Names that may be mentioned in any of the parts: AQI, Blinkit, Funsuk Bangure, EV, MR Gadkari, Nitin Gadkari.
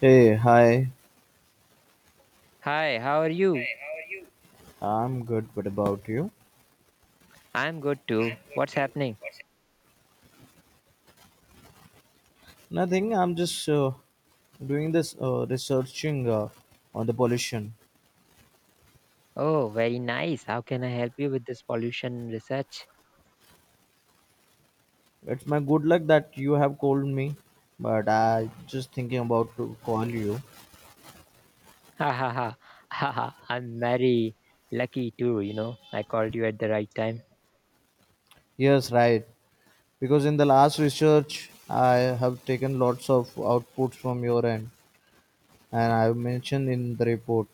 Hey, hi. Hi, how are you? I'm good. What about you? I'm good too. What's happening? Nothing. I'm just doing this researching on the pollution. Oh, very nice. How can I help you with this pollution research? It's my good luck that you have called me, but I just thinking about to call you. Ha ha ha. Ha ha. I'm very lucky too. I called you at the right time. Yes, right. Because in the last research, I have taken lots of outputs from your end, and I have mentioned in the report.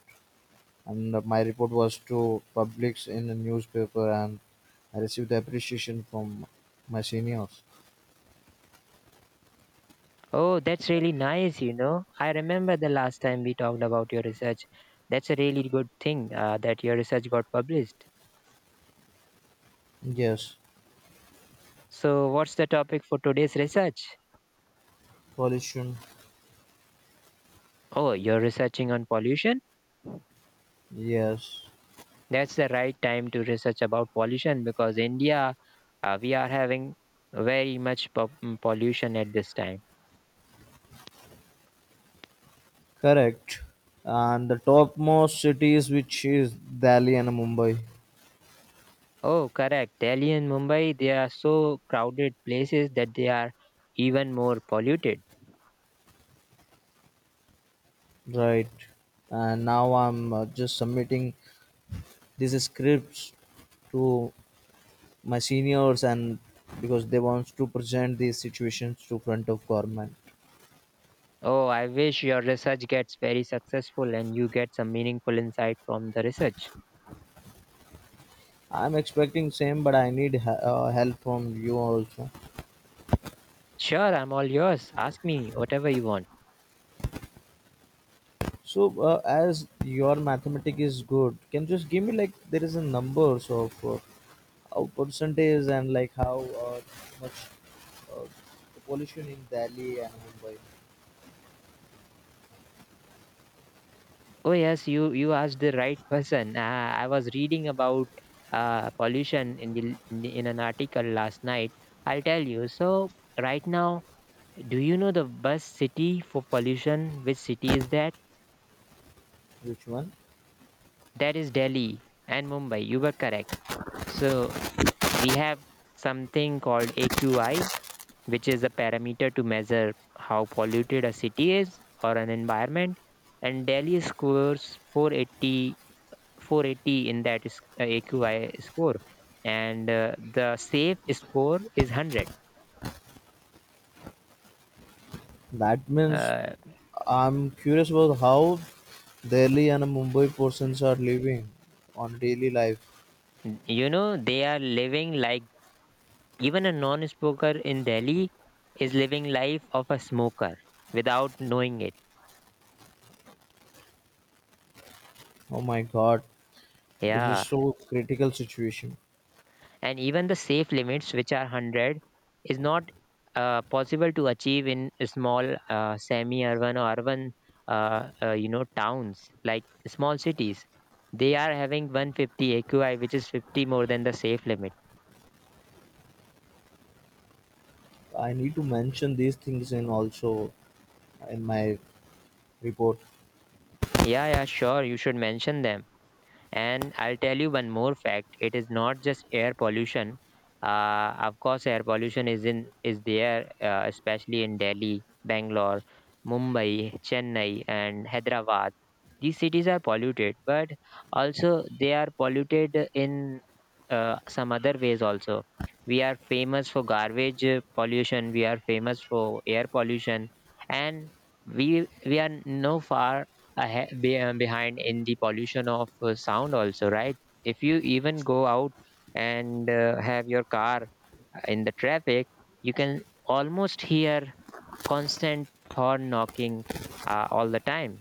And my report was to publish in the newspaper, and I received the appreciation from my seniors. Oh, that's really nice. I remember the last time we talked about your research. That's a really good thing that your research got published. Yes. So, what's the topic for today's research? Pollution, Oh, you're researching on pollution? yes, That's the right time to research about pollution because India. We are having very much pollution at this time. correct. And the topmost cities, which is Delhi and Mumbai, Oh, correct. Delhi and Mumbai, they are so crowded places that they are even more polluted. right? And now I'm just submitting these scripts to my seniors, and because they want to present these situations to front of government. Oh, I wish your research gets very successful and you get some meaningful insight from the research. I'm expecting same, but I need help from you also. Sure, I'm all yours. Ask me whatever you want. So, as your mathematics is good, can you just give me like there is a numbers of how percentage and like how much uh, the pollution in Delhi and Mumbai, Oh, yes, you asked the right person. I was reading about pollution in an article last night. I'll tell you. So, right now, do you know the best city for pollution? Which city is that? which one? That is Delhi and Mumbai. You were correct. So we have something called AQI, which is a parameter to measure how polluted a city is or an environment. And Delhi scores four eighty four eighty in that is, AQI score, and the safe score is 100. That means Uh, I'm curious about how Delhi and Mumbai persons are living on daily life. you know they are living like even a non smoker in Delhi is living life of a smoker without knowing it. Oh my God, this is Yeah. so critical situation. And even the safe limits, which are 100, is not possible to achieve in small semi-urban or urban, towns like small cities. They are having 150 AQI, which is 50 more than the safe limit. I need to mention these things in also in my report. Yeah, yeah, sure. You should mention them. And I'll tell you one more fact. It is not just air pollution. Of course, air pollution is there, especially in Delhi, Bangalore, Mumbai, Chennai, and Hyderabad. These cities are polluted, but also they are polluted in some other ways also. We are famous for garbage pollution. We are famous for air pollution, and we are no far behind in the pollution of sound also, right? If you even go out and have your car in the traffic, you can almost hear constant horn knocking all the time.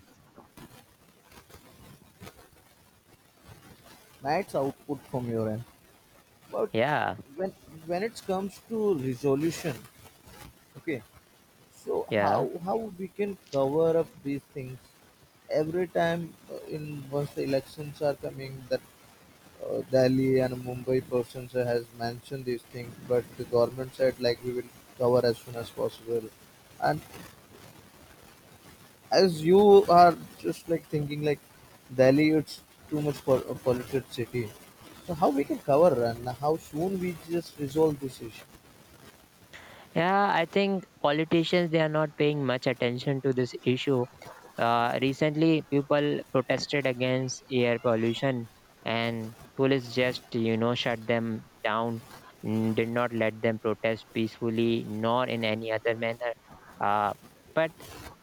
That's output from your end. But Yeah, when when it comes to resolution, okay, so yeah, how we can cover up these things every time in once the elections are coming that Delhi and Mumbai persons has mentioned these things, but the government said like we will cover as soon as possible. And as you are just like thinking like Delhi, it's too much for a polluted city. So how we can cover and how soon we just resolve this issue? yeah, I think politicians they are not paying much attention to this issue. Recently, people protested against air pollution, and police just shut them down, did not let them protest peacefully nor in any other manner. Uh, but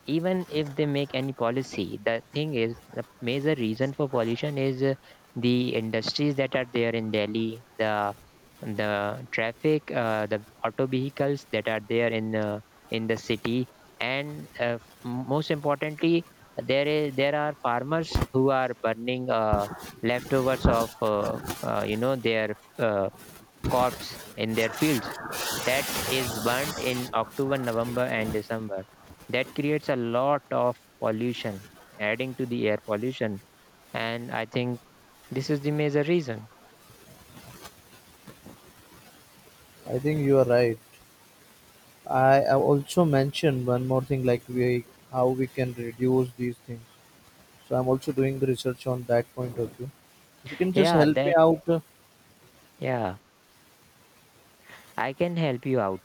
even if they make any policy, the thing is, the major reason for pollution is the industries that are there in Delhi, the traffic, the auto vehicles that are there in the city, and most importantly there are farmers who are burning leftovers of their crops in their fields that is burnt in October, November, and December. That creates a lot of pollution, adding to the air pollution. And I think this is the major reason. I think you are right. I have also mentioned one more thing like we how we can reduce these things. So I'm also doing the research on that point of view. If you can just Yeah, help me that. out, Yeah, I can help you out.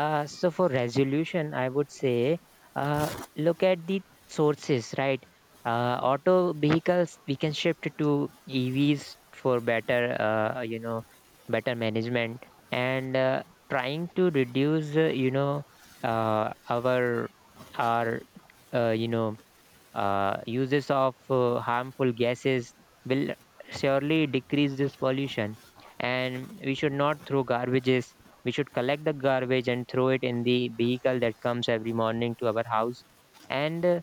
So for resolution, I would say uh, look at the sources, right? Auto vehicles we can shift to EVs for better management, and trying to reduce, our our uh, you know uses of harmful gases will surely decrease this pollution. And we should not throw garbages. We should collect the garbage and throw it in the vehicle that comes every morning to our house. And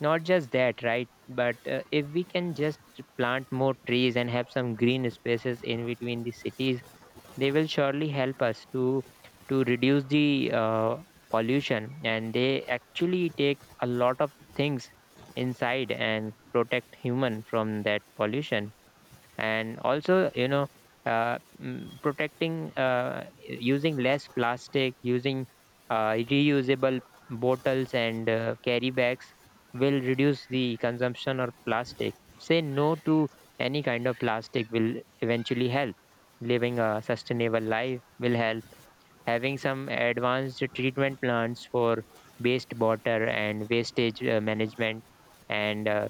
not just that, right? But if we can just plant more trees and have some green spaces in between the cities, they will surely help us to reduce the pollution. And they actually take a lot of things inside and protect human from that pollution. And also protecting, using less plastic, using reusable bottles and carry bags will reduce the consumption of plastic. Say no to any kind of plastic will eventually help. Living a sustainable life will help. Having some advanced treatment plants for waste water and wastage management. And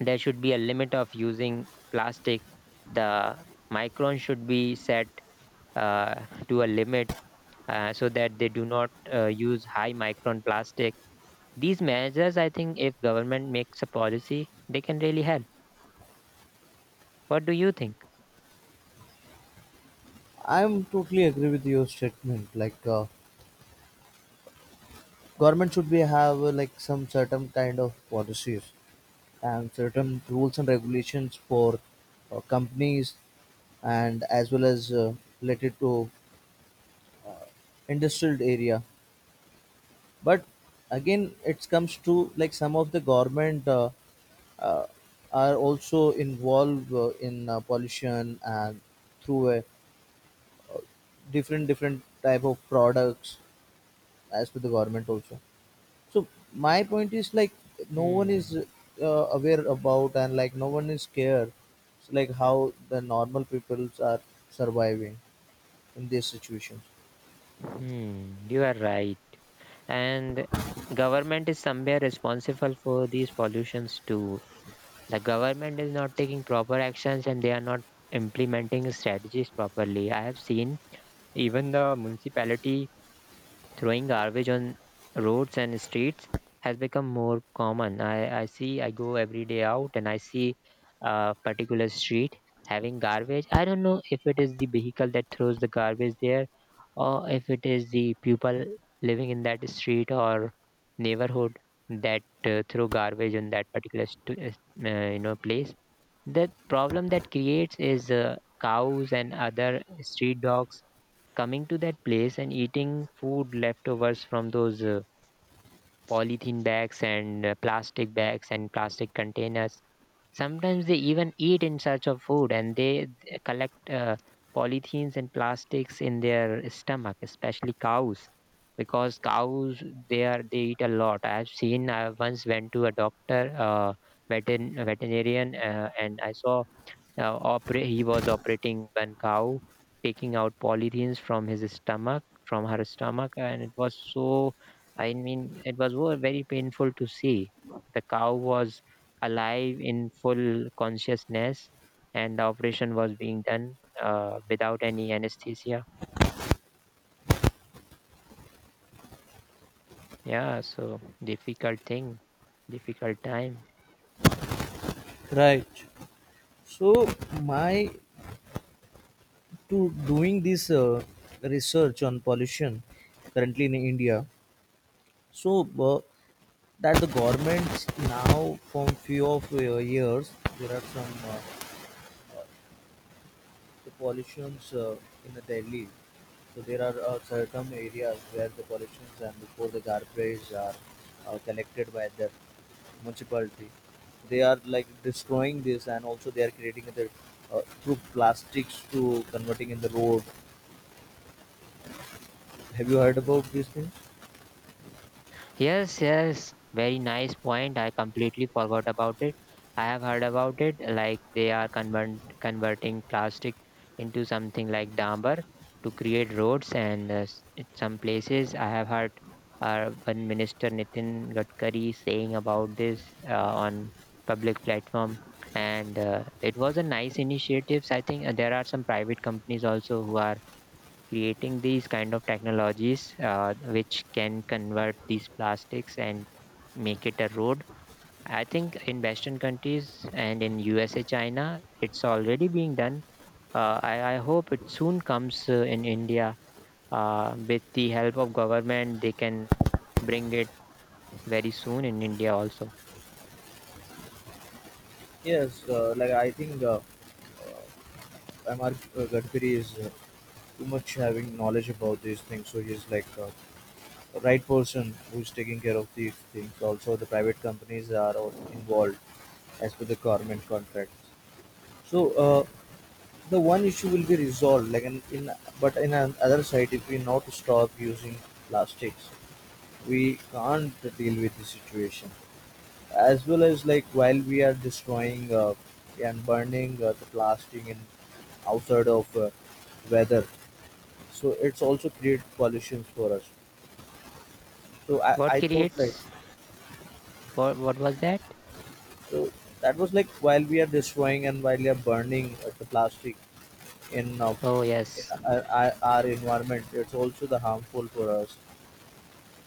there should be a limit of using plastic. The micron should be set to a limit so that they do not use high micron plastic. These measures, I think, if government makes a policy, they can really help. What do you think? I'm totally agree with your statement. Like government should be have like some certain kind of policies and certain rules and regulations for companies and as well as related to industrial area. But again, it comes to like some of the government. Uh, are also involved in pollution and through a different different type of products as to the government also, so my point is like no one is Hmm. uh, aware about, and like no one is scared, so like how the normal peoples are surviving in these situations. Hmm. You are right. And government is somewhere responsible for these pollutions too. The government is not taking proper actions and they are not implementing strategies properly. I have seen even the municipality throwing garbage on roads and streets has become more common. I see, I go every day out and I see a particular street having garbage. I don't know if it is the vehicle that throws the garbage there or if it is the people living in that street or neighborhood that throw garbage on that particular place. The problem that creates is cows and other street dogs coming to that place and eating food leftovers from those polythene bags and plastic bags and plastic containers. Sometimes they even eat in search of food and they collect polythenes and plastics in their stomach, especially cows, because cows they eat a lot. I've seen. I once went to a doctor, veterinarian, and I saw he was operating one cow, taking out polythenes from his stomach, from her stomach, and it was so. I mean, it was very painful to see. The cow was alive in full consciousness, and the operation was being done without any anesthesia. Yeah, so difficult thing, difficult time. Right. So my to doing this research on pollution currently in India. So that the governments now from few of years there are some the pollutions in the Delhi. So there are certain areas where the pollutions and before the garbage are collected by the municipality. They are like destroying this, and also they are creating the through plastics to converting in the road. Have you heard about these things? Yes, yes, very nice point. I completely forgot about it. I have heard about it, like they are converting plastic into something like damper to create roads, and in some places I have heard one minister Nitin Gadkari saying about this on public platform, and it was a nice initiatives. I think there are some private companies also who are creating these kind of technologies which can convert these plastics and make it a road. I think in western countries and in USA, China, it's already being done. I hope it soon comes in India with the help of government they can bring it very soon in India also. Yes, like I think Mr. Gadkari is too much having knowledge about these things, so he's like right person who's taking care of these things. Also, the private companies are all involved as per the government contracts. So the one issue will be resolved. Like in, but in an other side, if we not stop using plastics, we can't deal with the situation. As well as like while we are destroying and burning the plastic in outside of weather, so it's also create pollutions for us. So I, What I thought like, creates? What was that? so that was like while we are destroying and while we are burning the plastic in, uh, Oh, in yes, our environment, it's also the harmful for us.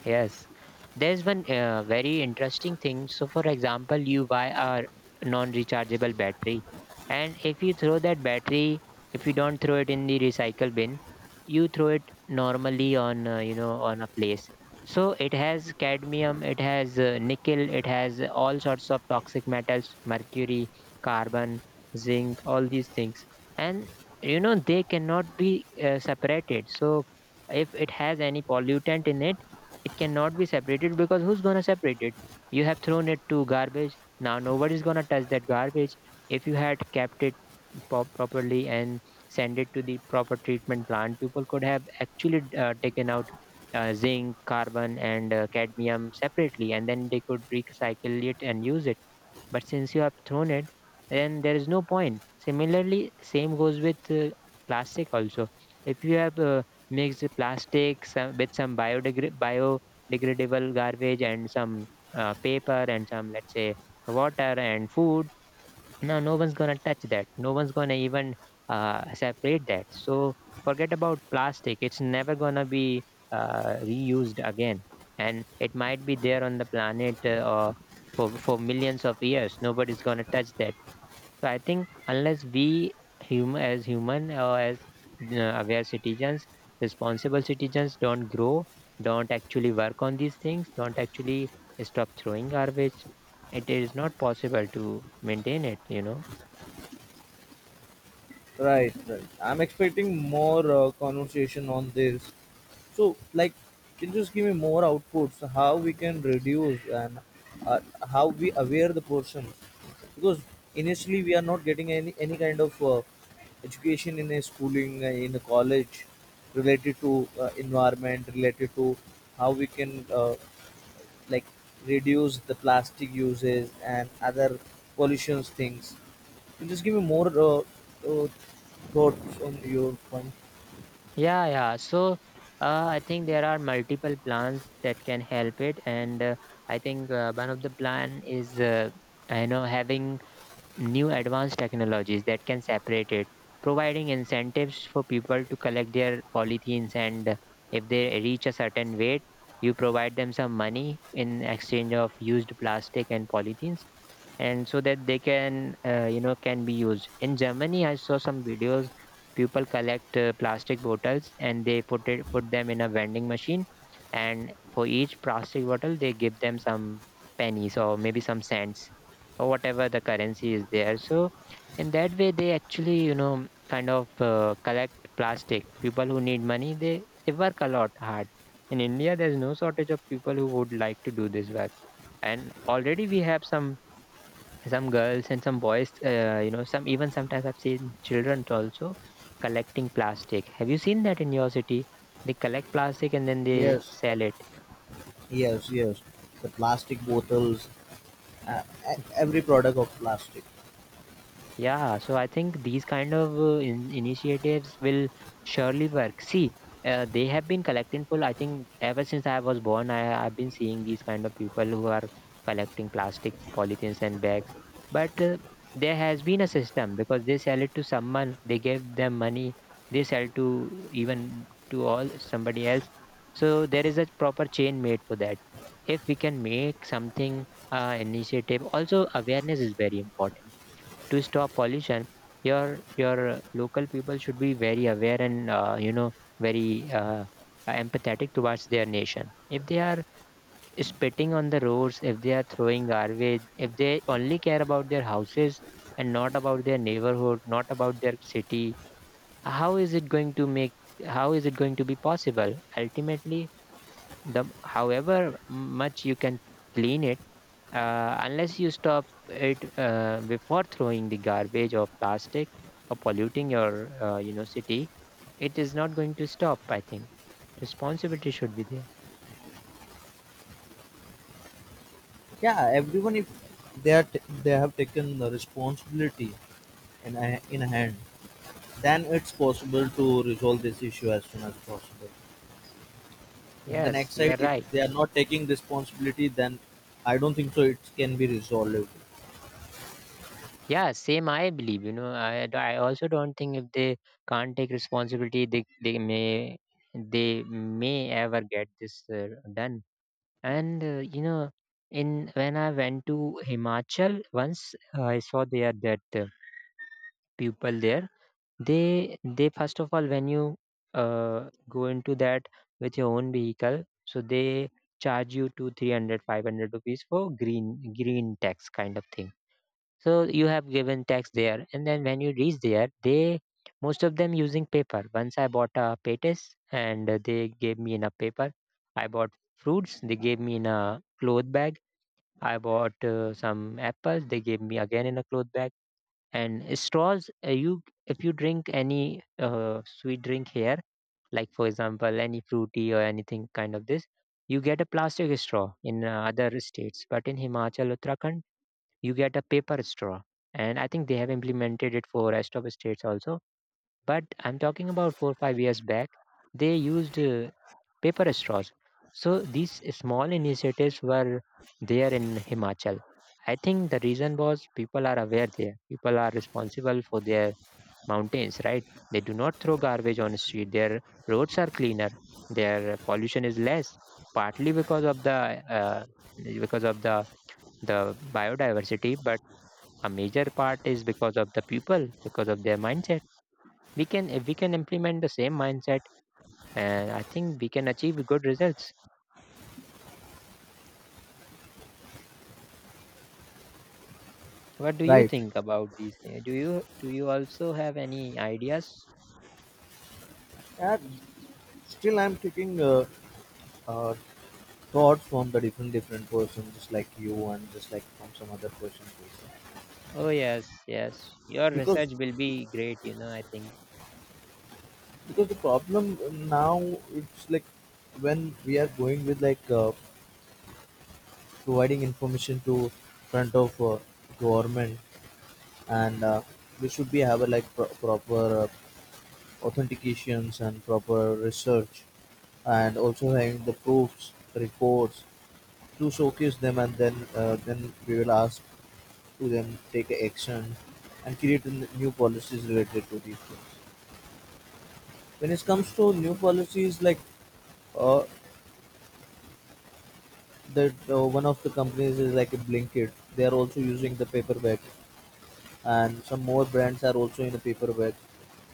yes, there's one very interesting thing. So, for example, you buy a non-rechargeable battery, and if you throw that battery, if you don't throw it in the recycle bin, you throw it normally on you know on a place. So it has cadmium, it has nickel, it has all sorts of toxic metals, mercury, carbon, zinc, all these things, and you know they cannot be separated. So if it has any pollutant in it, it cannot be separated because who's gonna separate it? You have thrown it to garbage. Now nobody's gonna touch that garbage. If you had kept it properly and send it to the proper treatment plant, people could have actually taken out zinc, carbon, and cadmium separately, and then they could recycle it and use it. But since you have thrown it, then there is no point. Similarly, same goes with plastic also. If you have mixed plastic some, with some biodegradable garbage and some paper and some, let's say, water and food, no, no one's gonna touch that. No one's gonna even separate that. So forget about plastic, it's never gonna be reused again. And it might be there on the planet or for millions of years nobody's gonna touch that. So I think, unless we as human or as aware citizens, responsible citizens don't grow, don't actually work on these things, don't actually stop throwing garbage, it is not possible to maintain it. Right, right. I'm expecting more conversation on this. So, like, can you just give me more outputs? How we can reduce and uh, how we aware the person? Because initially we are not getting any kind of education in a schooling in a college related to environment, related to how we can like reduce the plastic uses and other pollutions things. Just give me more uh, thoughts on your point. Yeah, yeah. I think there are multiple plans that can help it, and I think one of the plan is you know, having new advanced technologies that can separate it, providing incentives for people to collect their polythenes, and if they reach a certain weight, you provide them some money in exchange of used plastic and polythenes, and so that they can you know, can be used. In Germany, I saw some videos. People collect plastic bottles and they put them in a vending machine, and for each plastic bottle they give them some pennies or maybe some cents or whatever the currency is there. So in that way they actually, you know, kind of collect plastic. People who need money, they work a lot hard. In India, there's no shortage of people who would like to do this work. And already we have some girls and some boys, you know, some, even sometimes I've seen children also collecting plastic. Have you seen that in your city? They collect plastic and then they Yes, sell it. yes, yes. The plastic bottles, uh, every product of plastic. Yeah, so I think these kind of in initiatives will surely work. See, they have been collecting full. I think ever since I was born, I've been seeing these kind of people who are collecting plastic, polythenes and bags. But there has been a system because they sell it to someone, they give them money, they sell to even to all somebody else. So there is a proper chain made for that. If we can make something initiative, also awareness is very important to stop pollution. Your local people should be very aware and, you know, very empathetic towards their nation. If they are spitting on the roads, if they are throwing garbage, if they only care about their houses and not about their neighborhood, not about their city, how is it going to make? How is it going to be possible? Ultimately, the however much you can clean it, unless you stop it before throwing the garbage or plastic or polluting your you know city, it is not going to stop. I think responsibility should be there. Yeah, everyone, if they are they have taken the responsibility in a hand, then it's possible to resolve this issue as soon as possible. In the Yes, next you side, are if right. they are not taking responsibility, then I don't think so. It can be resolved. Yeah, same, I believe. You know, I also don't think. If they can't take responsibility, they may, they may ever get this done. And, you know, in when I went to Himachal once, I saw there that people there. They first of all, when you go into that with your own vehicle, so they charge you to 300, 500 rupees for green tax kind of thing. So you have given tax there, and then when you reach there, they most of them using paper. Once I bought a patis, and they gave me enough paper. I bought fruits. They gave me in a cloth bag. I bought some apples. They gave me again in a cloth bag and straws. You, if you drink any sweet drink here, like for example any fruity or anything kind of this, you get a plastic straw in other states. But in Himachal, Uttarakhand, you get a paper straw. And I think they have implemented it for rest of the states also. But I'm talking about 4 or 5 years back. They used paper straws. So these small initiatives were there in Himachal. I think the reason was people are aware there. People are responsible for their mountains, right? They do not throw garbage on the street. Their roads are cleaner. Their pollution is less, partly uh, because of the biodiversity, but a major part is because of the people, because of their mindset. We can, if we can implement the same mindset, and I think we can achieve good results. What do you Right. think about these things? Do you also have any ideas? Yeah, still I'm taking uh, thought from the different different person just like you and just like from some other person also. Oh, yes, yes. Your because research will be great, you know, I think. because the problem now it's like when we are going with like providing information to front of government, and we should be have a like proper authentications and proper research and also having the proofs reports to showcase them, and then we will ask to them, take action, and create new policies related to these things. When it comes to new policies, like uh, that, one of the companies is like a Blinkit. They are also using the paper bag, and some more brands are also in the paper bag.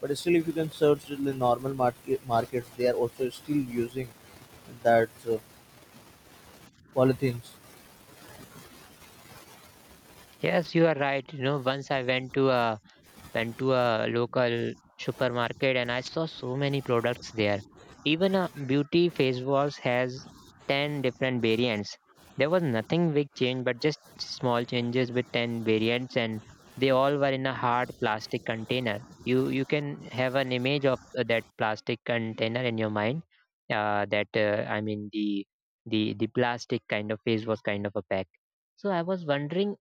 But still, if you can search in the normal markets, they are also still using that polythenes. Yes, you are right. You know, once I went to a local supermarket and I saw so many products there. Even a beauty face wash has 10 different variants. There was nothing big change but just small changes with 10 variants, and they all were in a hard plastic container. You can have an image of that plastic container in your mind. That, I mean the the plastic kind of face wash kind of a pack. So I was wondering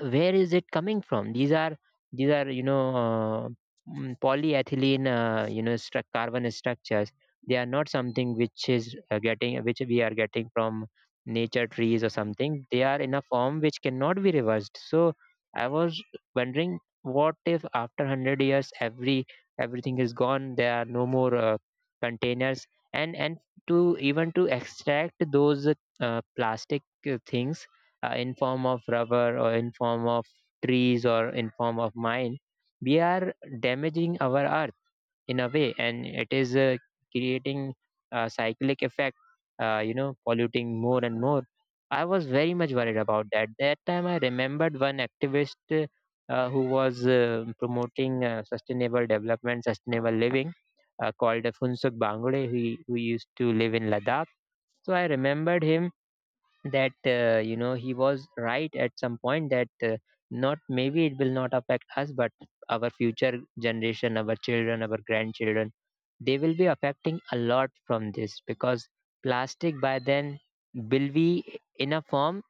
where is it coming from. These are these are, you know, polyethylene, you know, carbon structures. They are not something which is getting, which we are getting from nature, trees or something. They are in a form which cannot be reversed. So I was wondering, what if after 100 years every everything is gone? There are no more containers, and to even to extract those plastic things, in form of rubber or in form of trees or in form of mine, we are damaging our earth in a way, and it is creating a cyclic effect, you know, polluting more and more. I was very much worried about that. That time I remembered one activist, who was promoting sustainable development, sustainable living, called Funsuk Bangure, who used to live in Ladakh. So I remembered him that, you know, he was right at some point that not maybe it will not affect us, but our future generation, our children, our grandchildren, they will be affecting a lot from this, because plastic by then will be in a form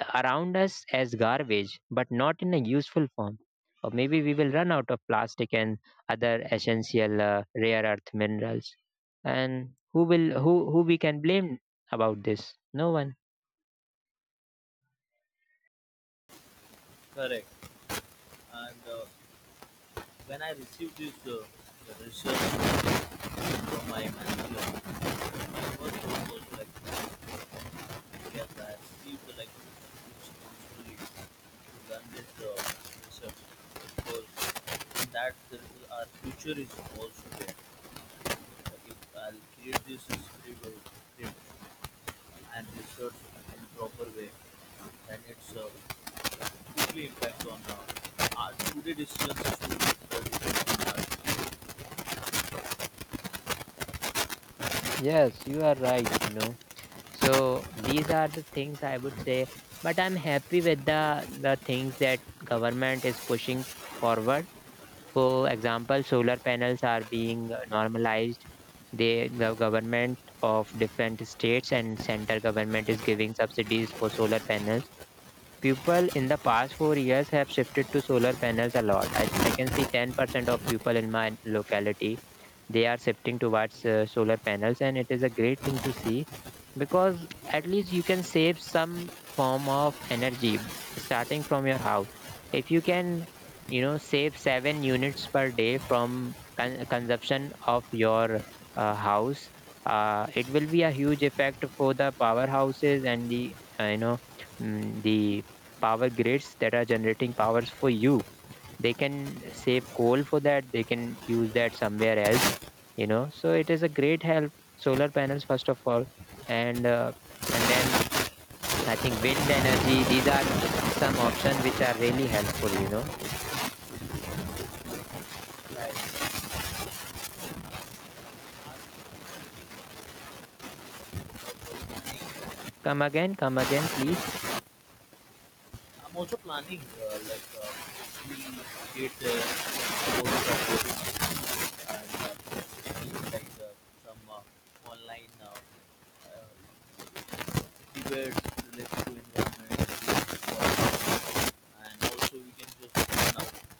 around us as garbage but not in a useful form, or maybe we will run out of plastic and other essential rare earth minerals. And who will, who we can blame about this? No one. Correct. And when I received this result from my manager, my first thought was like, yes, I received like responsibility to learn this research, because in that there is our future is also there. Like if I'll create this script and research in proper way, then it's quickly impact on our today decisions to make the difference Yes, you are right, you know. So these are the things I would say, but I'm happy with the things that government is pushing forward. For example, solar panels are being normalized. They, the government of different states and center government is giving subsidies for solar panels. People in the past 4 years have shifted to solar panels a lot. I can see 10% of people in my locality, they are shifting towards solar panels, and it is a great thing to see because at least you can save some form of energy starting from your house. If you can, you know, save 7 units per day from consumption of your house, it will be a huge effect for the powerhouses and the, you know, the power grids that are generating powers for you. They can save coal for that. They can use that somewhere else. You know, so it is a great help. Solar panels, first of all, and uh, and then I think wind energy. These are some option which are really helpful. You know, in our life. I'm come again, please. also planning, like, we did course of coding, and we like some online uh, debates related to environment, and also we can just now